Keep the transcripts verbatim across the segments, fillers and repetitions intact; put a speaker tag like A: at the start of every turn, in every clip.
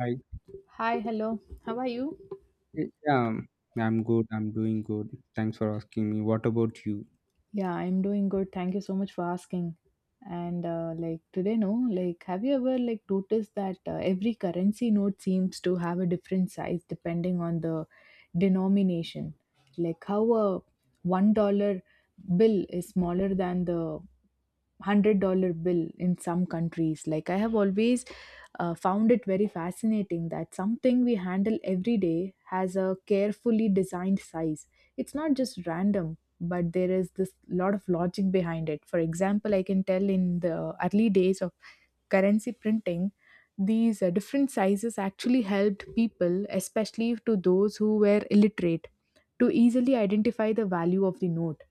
A: I,
B: Hi, hello. How are you?
A: eh, yeah, um, I'm good. I'm doing good. Thanks for asking me. What about you?
B: Yeah, I'm doing good. Thank you so much for asking. And uh, like today, no, like have you ever like noticed that uh, every currency note seems to have a different size depending on the denomination? Like how a one dollar bill is smaller than the hundred dollar bill in some countries. Like I have always uh, found it very fascinating that something we handle every day has a carefully designed size. It's not just random, but there is this lot of logic behind it. For example, I can tell in the early days of currency printing, these uh, different sizes actually helped people, especially to those who were illiterate, to easily identify the value of the note.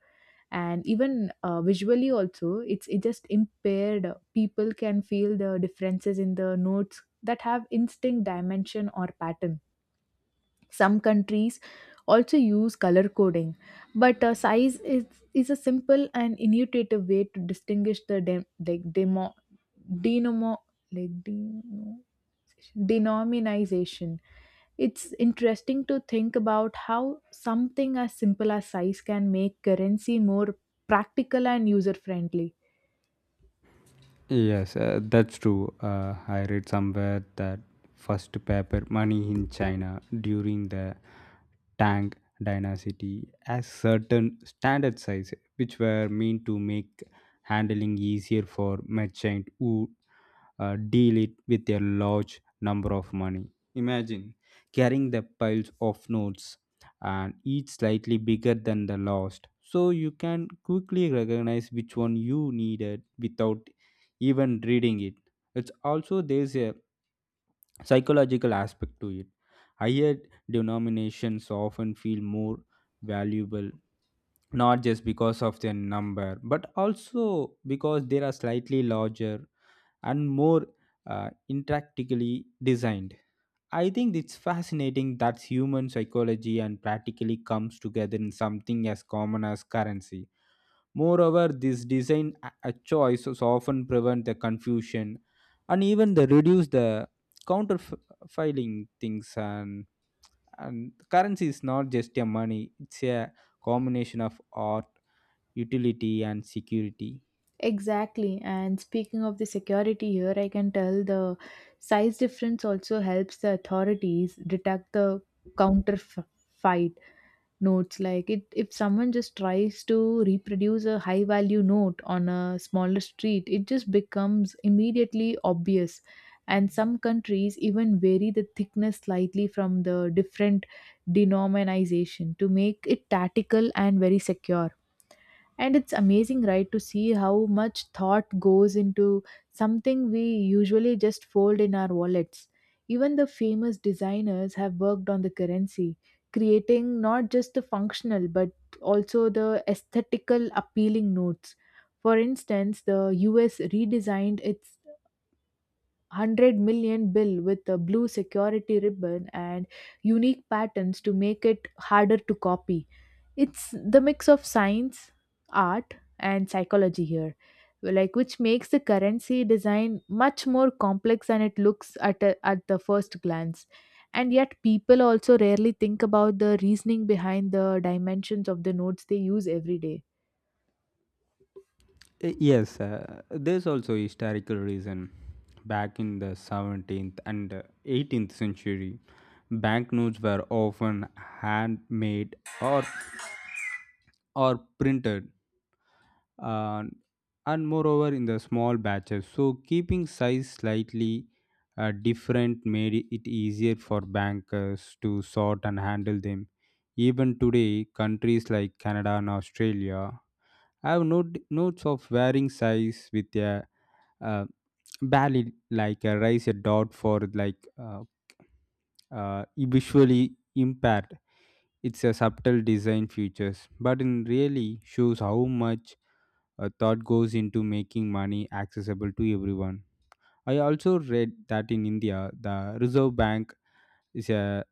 B: And even uh, visually also, it's it just impaired uh, people can feel the differences in the notes that have instinct dimension or pattern. Some countries also use color coding, but uh, size is, is a simple and intuitive way to distinguish the dem- like demo, denomo, like deno, denomination. It's interesting to think about how something as simple as size can make currency more practical and user friendly.
A: Yes, uh, that's true. Uh, I read somewhere that first paper money in China during the Tang Dynasty has certain standard size, which were meant to make handling easier for merchant who uh, deal it with a large number of money. Imagine carrying the piles of notes and each slightly bigger than the last so you can quickly recognize which one you needed without even reading it. It's also there's a psychological aspect to it. Higher denominations often feel more valuable not just because of their number but also because they are slightly larger and more uh, intricately designed. I think it's fascinating that human psychology and practically comes together in something as common as currency. Moreover, this design a a choice is often prevent the confusion and even the reduce the counterfiling things and and currency is not just a money; it's a combination of art, utility, and security.
B: Exactly. And speaking of the security here, I can tell the size difference also helps the authorities detect the counterfeit notes. Like it, if someone just tries to reproduce a high value note on a smaller street, it just becomes immediately obvious. And some countries even vary the thickness slightly from the different denomination to make it tactical and very secure. And it's amazing, right, to see how much thought goes into something we usually just fold in our wallets. Even the famous designers have worked on the currency, creating not just the functional but also the aesthetical appealing notes. For instance, the U S redesigned its one hundred million bill with a blue security ribbon and unique patterns to make it harder to copy. It's the mix of science, art, and psychology here, like which makes the currency design much more complex than it looks at a, at the first glance. And yet, people also rarely think about the reasoning behind the dimensions of the notes they use every day.
A: Y- Yes, uh, there's also historical reason. Back in the seventeenth and uh, eighteenth century, banknotes were often handmade or or printed, uh, and moreover in the small batches. So keeping size slightly uh, different made it easier for bankers to sort and handle them. Even today, countries like Canada and Australia have note, notes of varying size with a uh, barely like a raise a dot for like uh, uh, visually impaired. It's a subtle design features, but it really shows how much a thought goes into making money accessible to everyone. I also read that in India, the Reserve Bank is a,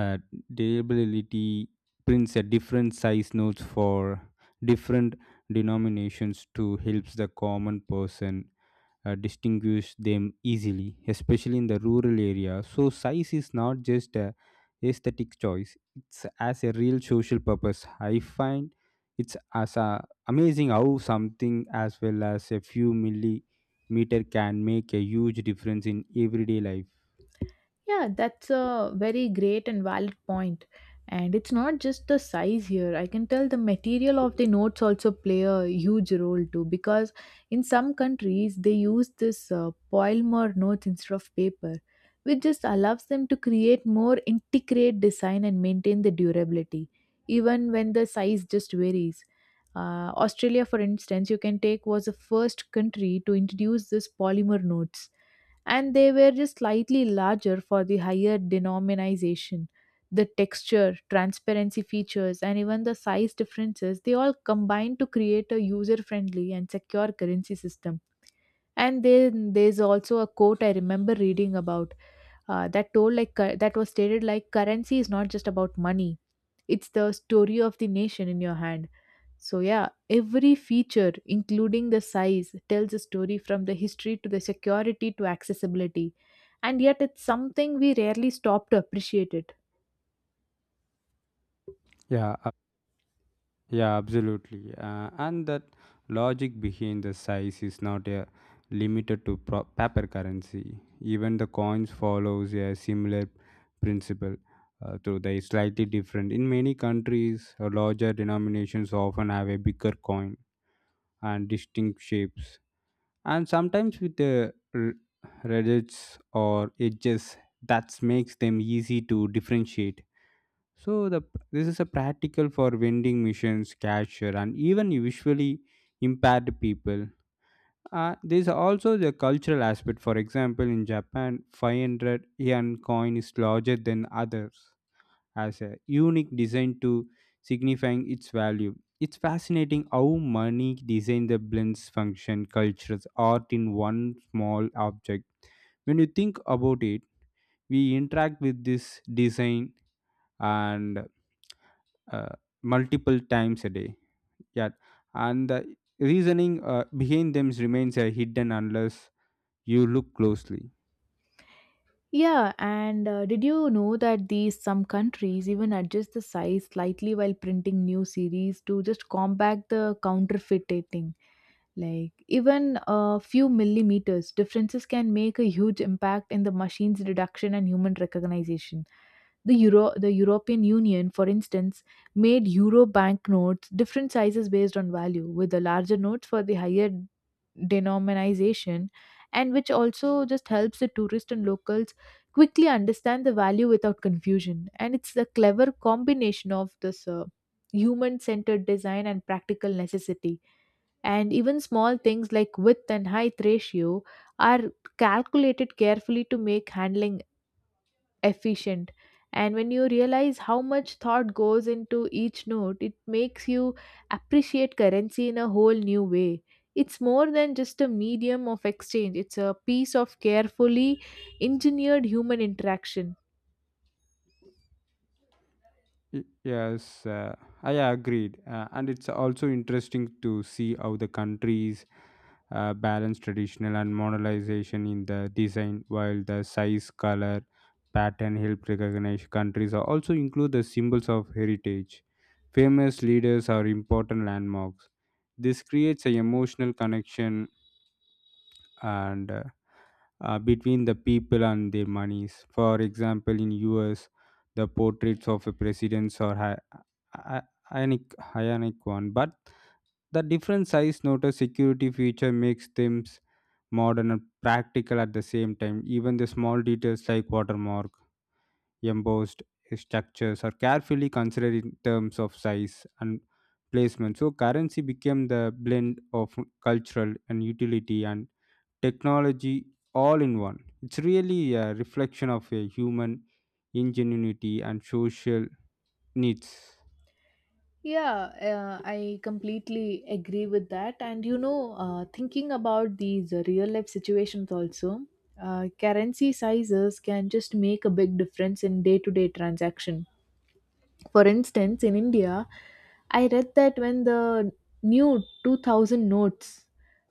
A: a deliberately prints a different size notes for different denominations to help the common person uh, distinguish them easily, especially in the rural area. So, size is not just a aesthetic choice; it's as a real social purpose. I find it's as a, amazing how something as well as a few millimeter can make a huge difference in everyday life.
B: Yeah, that's a very great and valid point. And it's not just the size here. I can tell the material of the notes also play a huge role too, because in some countries they use this uh, polymer notes instead of paper, which just allows them to create more intricate design and maintain the durability, even when the size just varies. Uh, Australia, for instance, you can take was the first country to introduce this polymer notes, and they were just slightly larger for the higher denomination. The texture, transparency features, and even the size differences, they all combine to create a user friendly and secure currency system. And then there's also a quote I remember reading about uh, that told like cur- that was stated like currency is not just about money; it's the story of the nation in your hand. So, yeah, every feature, including the size, tells a story from the history to the security to accessibility. And yet, it's something we rarely stop to appreciate it.
A: Yeah, yeah, absolutely. Uh, and that logic behind the size is not uh, limited to pro- paper currency. Even the coins follows a similar principle, uh, though they slightly different. In many countries, uh, larger denominations often have a bigger coin and distinct shapes, and sometimes with the r- reds or edges that makes them easy to differentiate so the this is a practical for vending machines, cashier, and even visually impaired people. Uh, there's also the cultural aspect. For example, in Japan, 500 yen coin is larger than others, as a unique design to signifying its value. It's fascinating how money design the blends function, cultures, art in one small object when you think about it we interact with this design and uh, multiple times a day. Yeah, and the reasoning uh, behind them remains uh, hidden unless you look closely.
B: Yeah, and uh, did you know that these some countries even adjust the size slightly while printing new series to just combat the counterfeiting? Like even a few millimeters differences can make a huge impact in the machine's reduction and human recognition. The Euro, the European Union, for instance, made euro banknotes different sizes based on value, with the larger notes for the higher denomination, and which also just helps the tourists and locals quickly understand the value without confusion. And it's a clever combination of this uh, human-centered design and practical necessity. And even small things like width and height ratio are calculated carefully to make handling efficient. And when you realize how much thought goes into each note, it makes you appreciate currency in a whole new way. It's more than just a medium of exchange; it's a piece of carefully engineered human interaction.
A: Y- Yes, uh, I agreed, uh, and it's also interesting to see how the countries uh, balance traditional and modernization in the design, while the size, color, pattern help recognize countries are also include the symbols of heritage. Famous leaders are important landmarks. This creates an emotional connection and uh, uh, between the people and their monies. For example, in U S, the portraits of a presidents are hi- i- ionic, ionic one, but the different size notice security feature makes them modern and practical at the same time. Even the small details like watermark, embossed structures are carefully considered in terms of size and placement. So currency became the blend of cultural and utility and technology all in one. It's really a reflection of a human ingenuity and social needs.
B: Yeah, uh, I completely agree with that. And you know, uh, thinking about these uh, real life situations also, uh, currency sizes can just make a big difference in day to day transaction. For instance, in India, I read that when the new two thousand notes,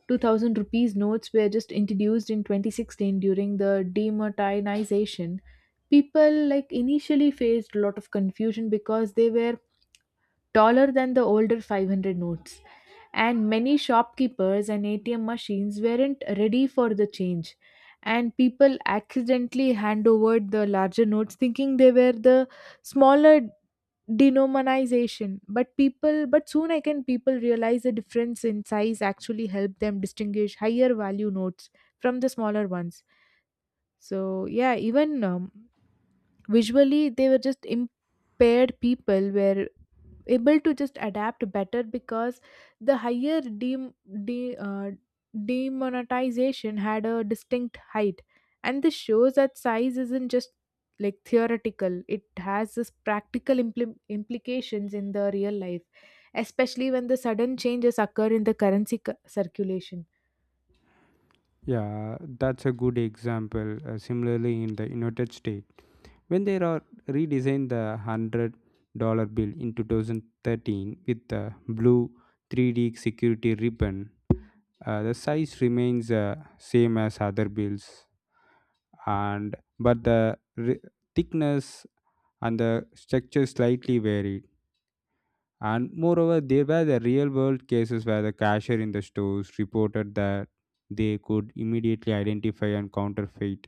B: two thousand rupees notes were just introduced in twenty sixteen during the demonetization, people like initially faced a lot of confusion because they were taller than the older five hundred notes, and many shopkeepers and A T M machines weren't ready for the change. And people accidentally hand over the larger notes thinking they were the smaller denomination. But people, but soon again, people realize the difference in size actually help them distinguish higher value notes from the smaller ones. So, yeah, even um, visually, they were just impaired people were able to just adapt better because the higher dem- de- uh, demonetization had a distinct height. And this shows that size isn't just like theoretical. It has this practical impli- implications in the real life, especially when the sudden changes occur in the currency cu- circulation.
A: Yeah, that's a good example. Uh, similarly, in the United States, when they are redesigned the hundred dollar bill in two thousand thirteen with the blue three D security ribbon, uh, the size remains uh, same as other bills, and but the re- thickness and the structure slightly varied. And moreover, there were the real world cases where the cashier in the stores reported that they could immediately identify and counterfeit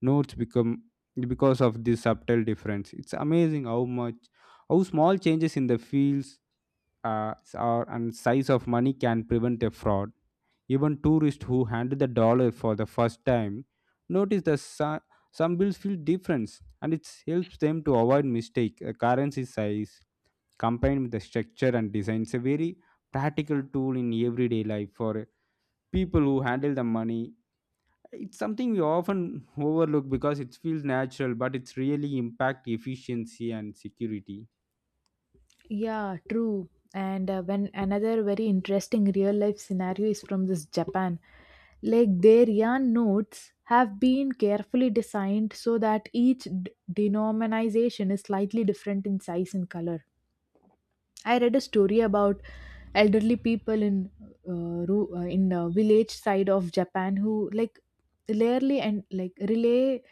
A: notes become because of this subtle difference. It's amazing how much how small changes in the fields uh, or and size of money can prevent a fraud. Even tourists who handle the dollar for the first time notice that su- some bills feel difference and it helps them to avoid mistake. The currency size combined with the structure and design. It's a very practical tool in everyday life for people who handle the money. It's something we often overlook because it feels natural, but it's really impact efficiency and security.
B: Yeah, true. And uh, when another very interesting real life scenario is from this Japan. Like their yarn notes have been carefully designed so that each d- denomination is slightly different in size and color. I read a story about elderly people in uh, ru- uh, in a village side of Japan who like rarely and like relay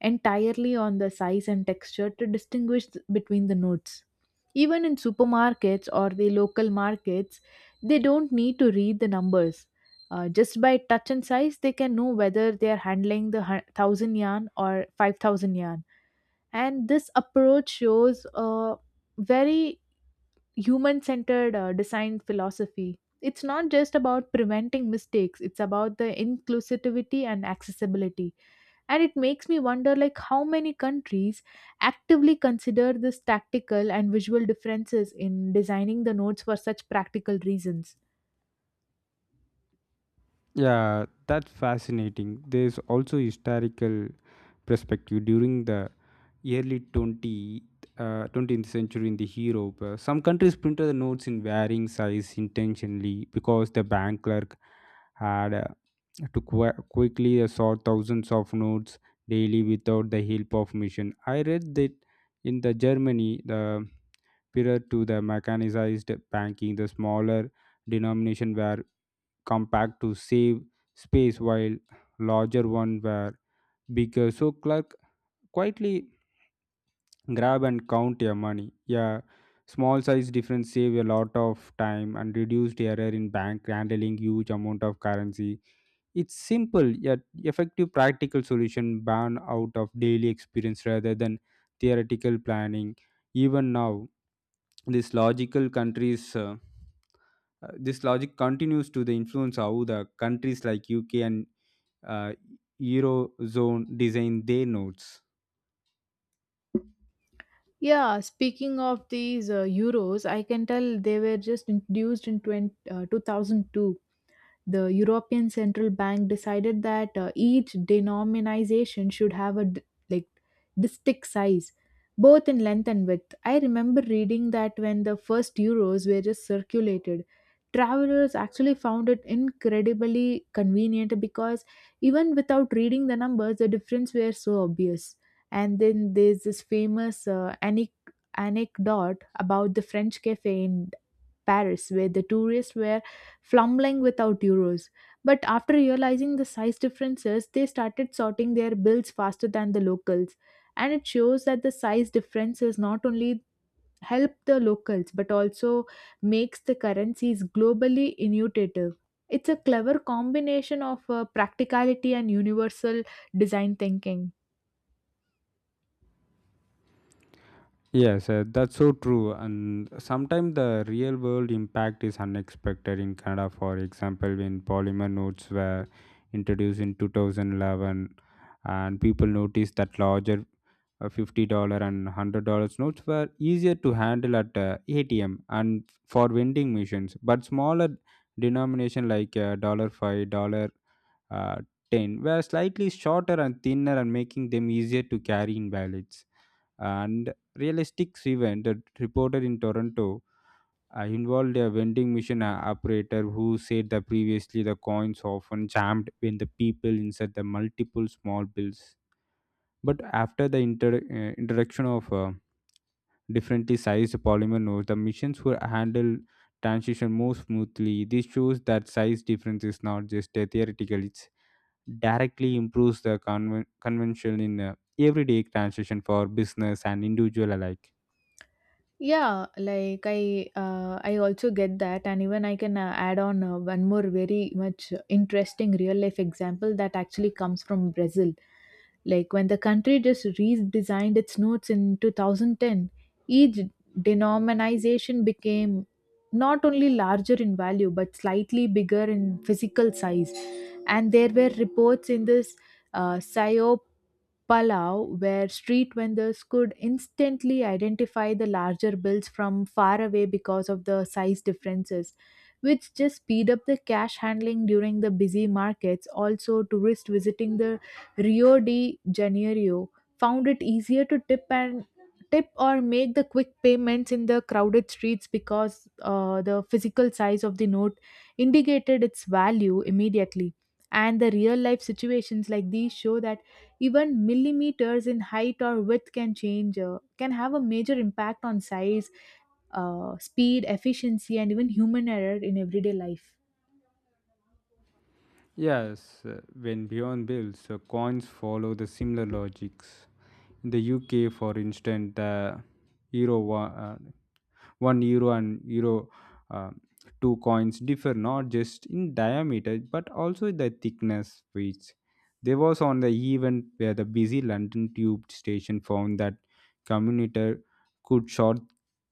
B: entirely on the size and texture to distinguish th- between the notes. Even in supermarkets or the local markets, they don't need to read the numbers. Uh, just by touch and size, they can know whether they are handling the hun- one thousand yarn or five thousand yarn. And this approach shows a very human centered uh, design philosophy. It's not just about preventing mistakes, it's about the inclusivity and accessibility. And it makes me wonder like how many countries actively consider this tactical and visual differences in designing the notes for such practical reasons.
A: Yeah, that's fascinating. There's also historical perspective during the early 20th, uh, twentieth century in the Europe, uh, some countries printed the notes in varying size intentionally because the bank clerk had uh, to qu- quickly uh, sort thousands of notes daily without the help of machine. I read that in the Germany, the prior to the mechanized banking, the smaller denomination were compact to save space, while larger one were bigger. So clerk quietly grab and count your money, yeah, small size difference save a lot of time and reduced error in bank handling huge amount of currency. It's simple yet effective practical solution born out of daily experience rather than theoretical planning. Even now this logical countries uh, uh, this logic continues to the influence how the countries like UK and uh, eurozone design their notes.
B: Yeah, speaking of these uh, euros, I can tell they were just introduced in 20, uh, two thousand two. The European Central Bank decided that uh, each denomination should have a d- like distinct size, both in length and width. I remember reading that when the first euros were just circulated, travelers actually found it incredibly convenient because even without reading the numbers, the difference were so obvious. And then there's this famous uh, anec- anecdote about the French cafe in Paris where the tourists were fumbling without euros. But after realizing the size differences, they started sorting their bills faster than the locals. And it shows that the size differences not only help the locals but also makes the currencies globally innovative. It's a clever combination of uh, practicality and universal design thinking.
A: Yes, uh, that's so true. And sometimes the real world impact is unexpected in Canada. For example, when polymer notes were introduced in two thousand eleven, and people noticed that larger uh, fifty dollars and one hundred dollars notes were easier to handle at uh, A T M and for vending machines, but smaller denomination like uh, dollar five dollars dollar uh, ten were slightly shorter and thinner and making them easier to carry in wallets. And realistic event that reported in Toronto uh, involved a vending machine uh, operator who said that previously the coins often jammed when the people inside the multiple small bills. But after the inter- uh, introduction of uh, differently sized polymer nodes, the machines were handled transition more smoothly. This shows that size difference is not just a theoretical; it directly improves the conven- convention in uh, everyday transition for business and individual alike.
B: Yeah, like I uh, I also get that. And even I can uh, add on uh, one more very much interesting real life example that actually comes from Brazil. Like when the country just redesigned its notes in two thousand ten, each denomination became not only larger in value but slightly bigger in physical size. And there were reports in this uh, Palau, where street vendors could instantly identify the larger bills from far away because of the size differences, which just speed up the cash handling during the busy markets. Also, tourists visiting the Rio de Janeiro found it easier to tip and tip or make the quick payments in the crowded streets because uh, the physical size of the note indicated its value immediately. And the real life situations like these show that even millimeters in height or width can change uh, can have a major impact on size, uh, speed, efficiency, and even human error in everyday life.
A: Yes, uh, when Beyond builds, uh, coins follow the similar logics. In the U K, for instance, the euro one. 1 euro and euro uh, two coins differ not just in diameter but also the thickness, which there was on the event where the busy London tube station found that commuter could short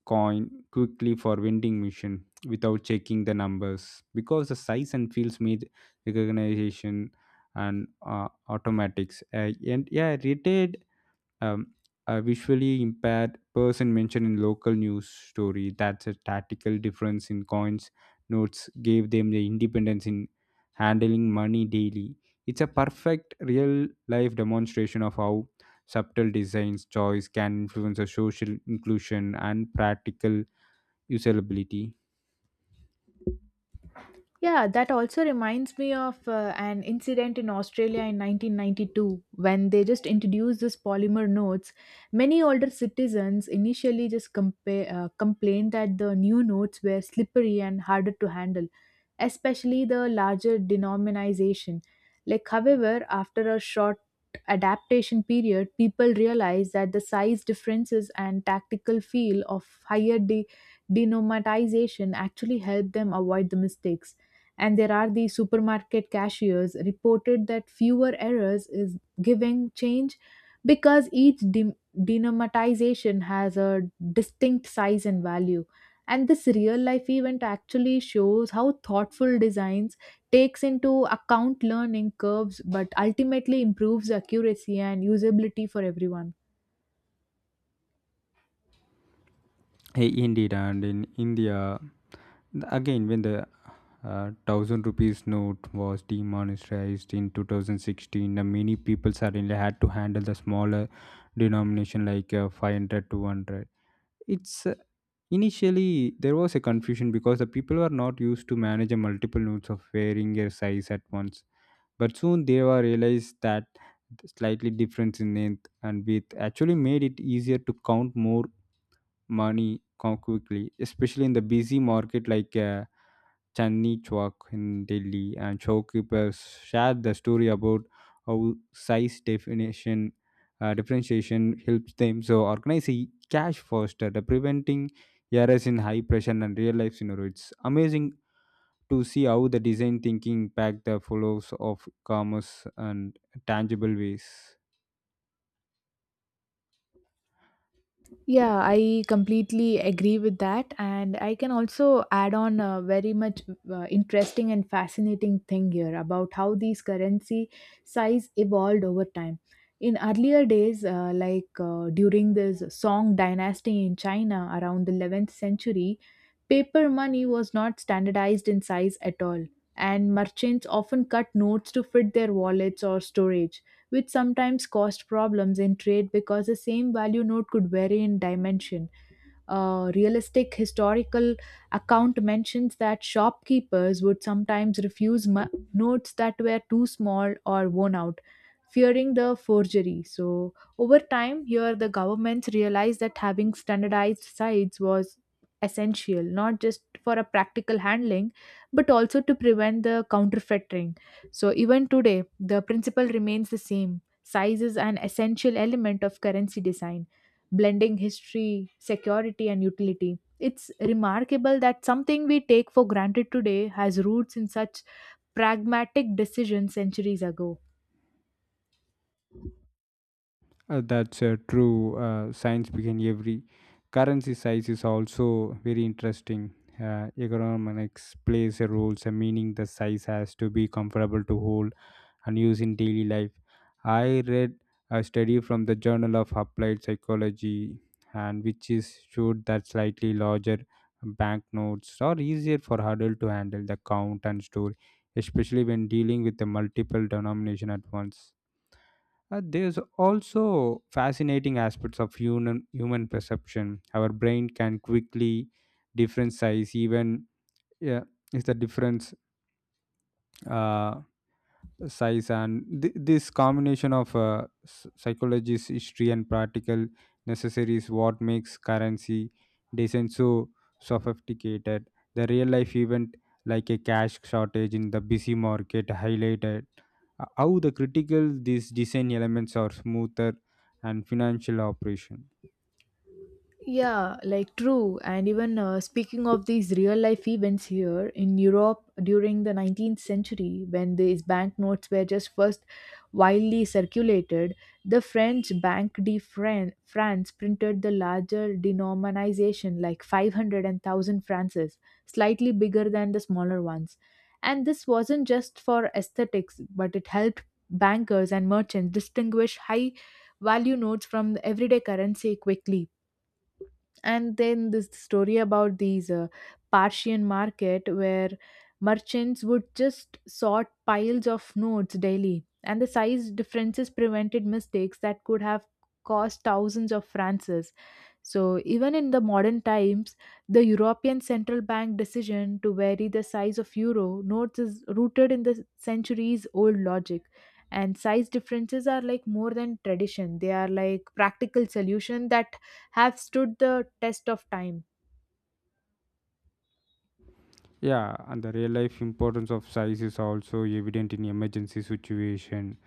A: coin quickly for vending machine without checking the numbers because the size and fields made recognition and uh, automatics, uh, and yeah retail. Um, a visually impaired person mentioned in local news story that's a tactical difference in coins notes gave them the independence in handling money daily. It's a perfect real life demonstration of how subtle designs choice can influence a social inclusion and practical usability.
B: Yeah, that also reminds me of uh, an incident in Australia in nineteen ninety-two when they just introduced this polymer notes. Many older citizens initially just compa- uh, complained that the new notes were slippery and harder to handle, especially the larger denomination. Like, however, after a short adaptation period, people realized that the size differences and tactical feel of higher de- denomination actually helped them avoid the mistakes. And there are these supermarket cashiers reported that fewer errors is giving change because each de- denomatization has a distinct size and value. And this real life event actually shows how thoughtful designs takes into account learning curves but ultimately improves accuracy and usability for everyone.
A: Hey, indeed, and in India, again, when the uh, thousand rupees note was demonetized in two thousand sixteen, uh, many people suddenly had to handle the smaller denomination like uh, five hundred, two hundred. It's uh, initially there was a confusion because the people were not used to manage a multiple notes of varying their size at once. But soon they were realized that the slightly difference in length and width actually made it easier to count more money co- quickly, especially in the busy market like. Uh, Chandni Chowk in Delhi, and shopkeepers shared the story about how size definition uh, differentiation helps them. So organize a cash faster, the preventing errors in high pressure and real life scenario. It's amazing to see how the design thinking impact the flows of commerce and tangible ways.
B: Yeah, I completely agree with that. And I can also add on a very much uh, interesting and fascinating thing here about how these currency size evolved over time. In earlier days, uh, like uh, during this Song dynasty in China around the eleventh century, paper money was not standardized in size at all. And merchants often cut notes to fit their wallets or storage, which sometimes caused problems in trade because the same value note could vary in dimension. Uh, realistic historical account mentions that shopkeepers would sometimes refuse mu- notes that were too small or worn out, fearing the forgery. So, over time, here the governments realized that having standardized sites was essential, not just for a practical handling, but also to prevent the counterfeiting. So, even today, the principle remains the same. Size is an essential element of currency design, blending history, security, and utility. It's remarkable that something we take for granted today has roots in such pragmatic decisions centuries ago.
A: Uh, that's uh, true. Uh, science began every currency size is also very interesting. Uh, economics plays a role, so meaning the size has to be comfortable to hold and use in daily life. I read a study from the Journal of Applied Psychology, and which is showed that slightly larger banknotes are easier for adult to handle the count and store, especially when dealing with the multiple denomination at once. Uh, there's also fascinating aspects of human human perception. Our brain can quickly differentiate even, yeah, is the difference uh, size and th- this combination of uh, s- psychology's history and practical necessary is what makes currency design so sophisticated. The real life event like a cash shortage in the busy market highlighted uh, how the critical these design elements are smoother and financial operation.
B: Yeah, like, true. And even, uh, speaking of these real life events here in Europe during the nineteenth century, when these banknotes were just first widely circulated, the French Bank de Fran- France printed the larger denomination, like five hundred francs, slightly bigger than the smaller ones. And this wasn't just for aesthetics, but it helped bankers and merchants distinguish high value notes from the everyday currency quickly. And then this story about these uh, Parthian market where merchants would just sort piles of notes daily, and the size differences prevented mistakes that could have cost thousands of francs. So, even in the modern times, the European Central Bank decision to vary the size of euro notes is rooted in the centuries old logic. And size differences are like more than tradition, they are like practical solution that have stood the test of time.
A: Yeah, and the real life importance of size is also evident in emergency situation.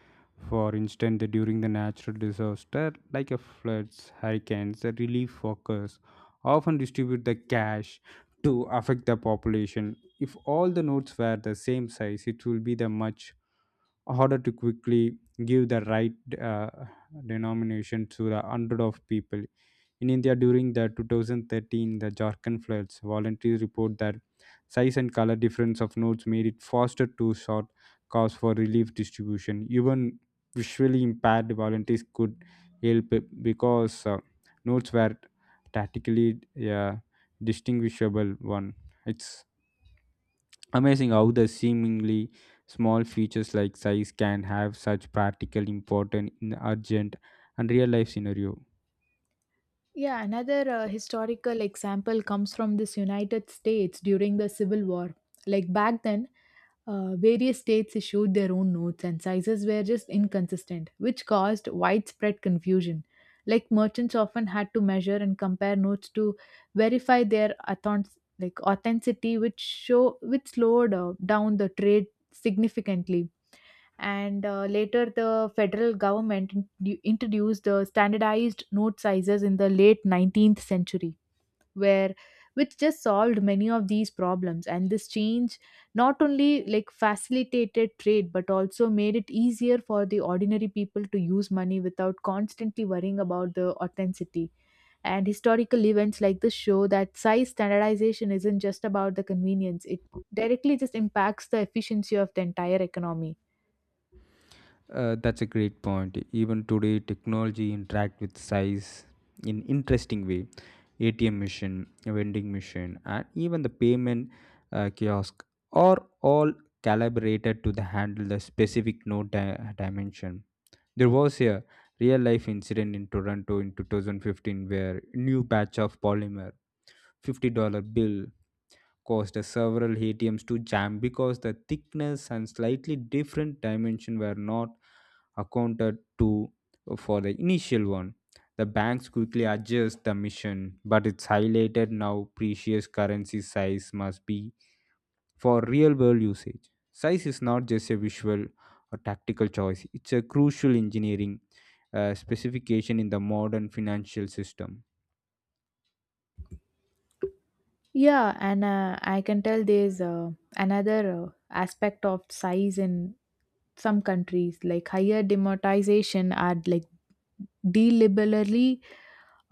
A: For instance, the- during the natural disaster like a floods, hurricanes, the relief workers often distribute the cash to affect the population. If all the notes were the same size, it will be the much order to quickly give the right uh, denomination to the hundred of people. In India, during the twenty thirteen, the Jharkhand floods, volunteers report that size and color difference of notes made it faster to sort cause for relief distribution. Even visually impaired volunteers could help because uh, notes were tactically uh, distinguishable. One, it's amazing how the seemingly small features like size can have such practical importance in urgent and real life scenario.
B: Yeah, another uh, historical example comes from this United States during the Civil War. Like back then, uh, various states issued their own notes and sizes were just inconsistent, which caused widespread confusion. Like merchants often had to measure and compare notes to verify their authent- like authenticity, which show which slowed uh, down the trade significantly. And uh, later the federal government in- introduced the standardized note sizes in the late nineteenth century, where which just solved many of these problems. And this change not only like facilitated trade but also made it easier for the ordinary people to use money without constantly worrying about the authenticity. And historical events like this show that size standardization isn't just about the convenience, it directly just impacts the efficiency of the entire economy.
A: Uh, that's a great point. Even today, technology interact with size in interesting way. A T M machine, vending machine, and even the payment uh, kiosk are all calibrated to the handle the specific node di- dimension. There was a real life incident in Toronto in two thousand fifteen where new batch of polymer fifty dollars bill caused uh, several A T Ms to jam because the thickness and slightly different dimension were not accounted to for the initial one. The banks quickly adjust the mission, but it's highlighted now precious currency size must be for real world usage. Size is not just a visual or tactical choice, it's a crucial engineering uh, specification in the modern financial system.
B: Yeah, and uh, I can tell there's uh, another uh, aspect of size. In some countries, like higher democratization are like deliberately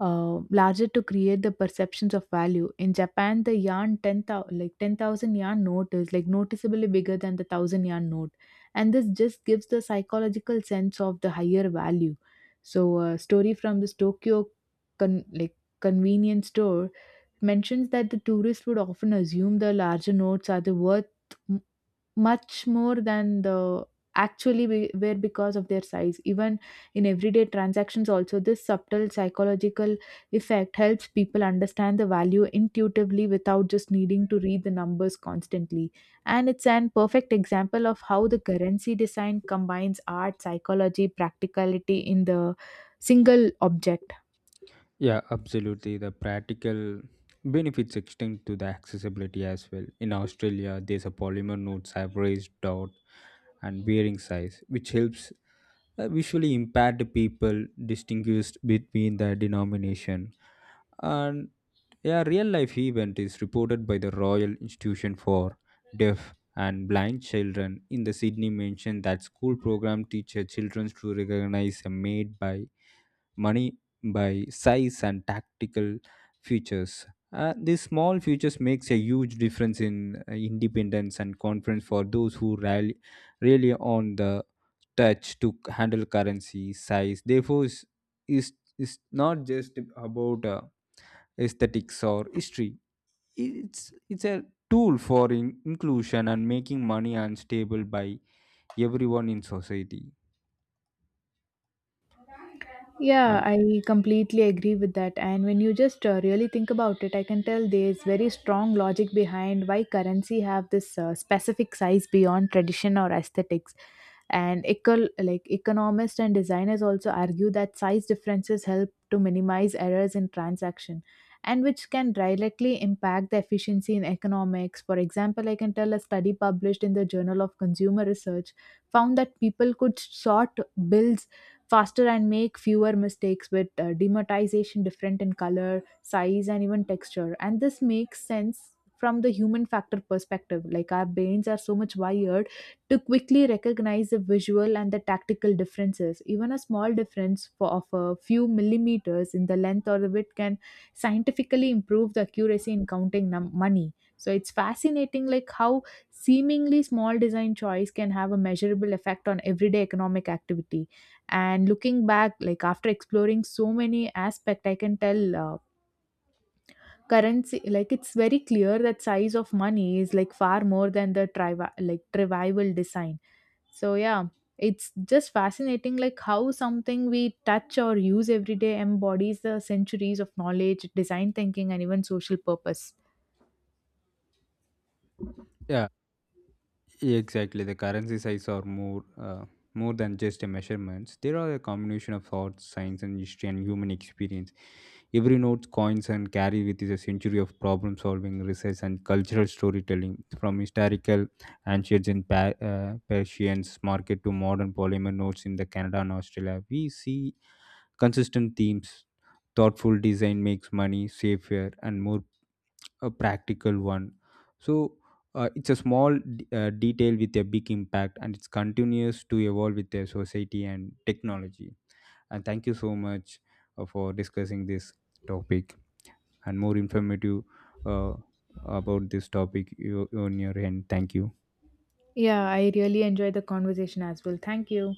B: uh, larger to create the perceptions of value. In Japan, the yarn ten thousand, like, ten thousand yarn note is like noticeably bigger than the one thousand yarn note, and this just gives the psychological sense of the higher value. So, a story from this Tokyo, con- like convenience store mentions that the tourists would often assume the larger notes are the worth m- much more than the actually be- were because of their size. Even in everyday transactions, also this subtle psychological effect helps people understand the value intuitively without just needing to read the numbers constantly. And it's an perfect example of how the currency design combines art, psychology, practicality in the single object.
A: Yeah, absolutely. The practical benefits extend to the accessibility as well. In Australia, there's a polymer notes have raised dot and wearing size, which helps uh, visually impaired people distinguished between the denomination, and a real life event is reported by the Royal Institution for Deaf and Blind Children in the Sydney mentioned that school program teacher children to recognize a maid by money by size and tactical features. Uh, these small features makes a huge difference in uh, independence and confidence for those who rally really on the touch to c- handle currency size. Therefore, is is is not just about uh, aesthetics or history. It's it's a tool for in- inclusion and making money unstable by everyone in society.
B: Yeah,
A: And
B: I completely agree with that. And when you just uh, really think about it, I can tell there's very strong logic behind why currency have this uh, specific size beyond tradition or aesthetics. And eco- like economists and designers also argue that size differences help to minimize errors in transaction, and which can directly impact the efficiency in economics. For example, I can tell a study published in the Journal of Consumer Research found that people could sort bills faster and make fewer mistakes with uh, dematization different in color, size, and even texture. And this makes sense from the human factor perspective. Like, our brains are so much wired to quickly recognize the visual and the tactical differences. Even a small difference for, of a few millimeters in the length or the width can scientifically improve the accuracy in counting num- money. So it's fascinating, like how seemingly small design choice can have a measurable effect on everyday economic activity. And looking back, like after exploring so many aspects, I can tell. Uh, currency, like, it's very clear that size of money is like far more than the trivi- like trivial design. So yeah, it's just fascinating like how something we touch or use every day embodies the centuries of knowledge, design thinking, and even social purpose.
A: yeah, exactly, the currency size are more uh, more than just a measurements. They are a combination of art, science, and history and human experience. Every note, coins, and carry with is a century of problem solving, research, and cultural storytelling. From historical ancients and pa- uh, Persians market to modern polymer notes in the Canada and Australia, we see consistent themes. Thoughtful design makes money safer and more a practical one. So uh, it's a small d- uh, detail with a big impact and it's continuous to evolve with the society and technology. And thank you so much uh, for discussing this topic and more informative uh, about this topic you, on your end. Thank you.
B: Yeah, I really enjoyed the conversation as well. Thank you.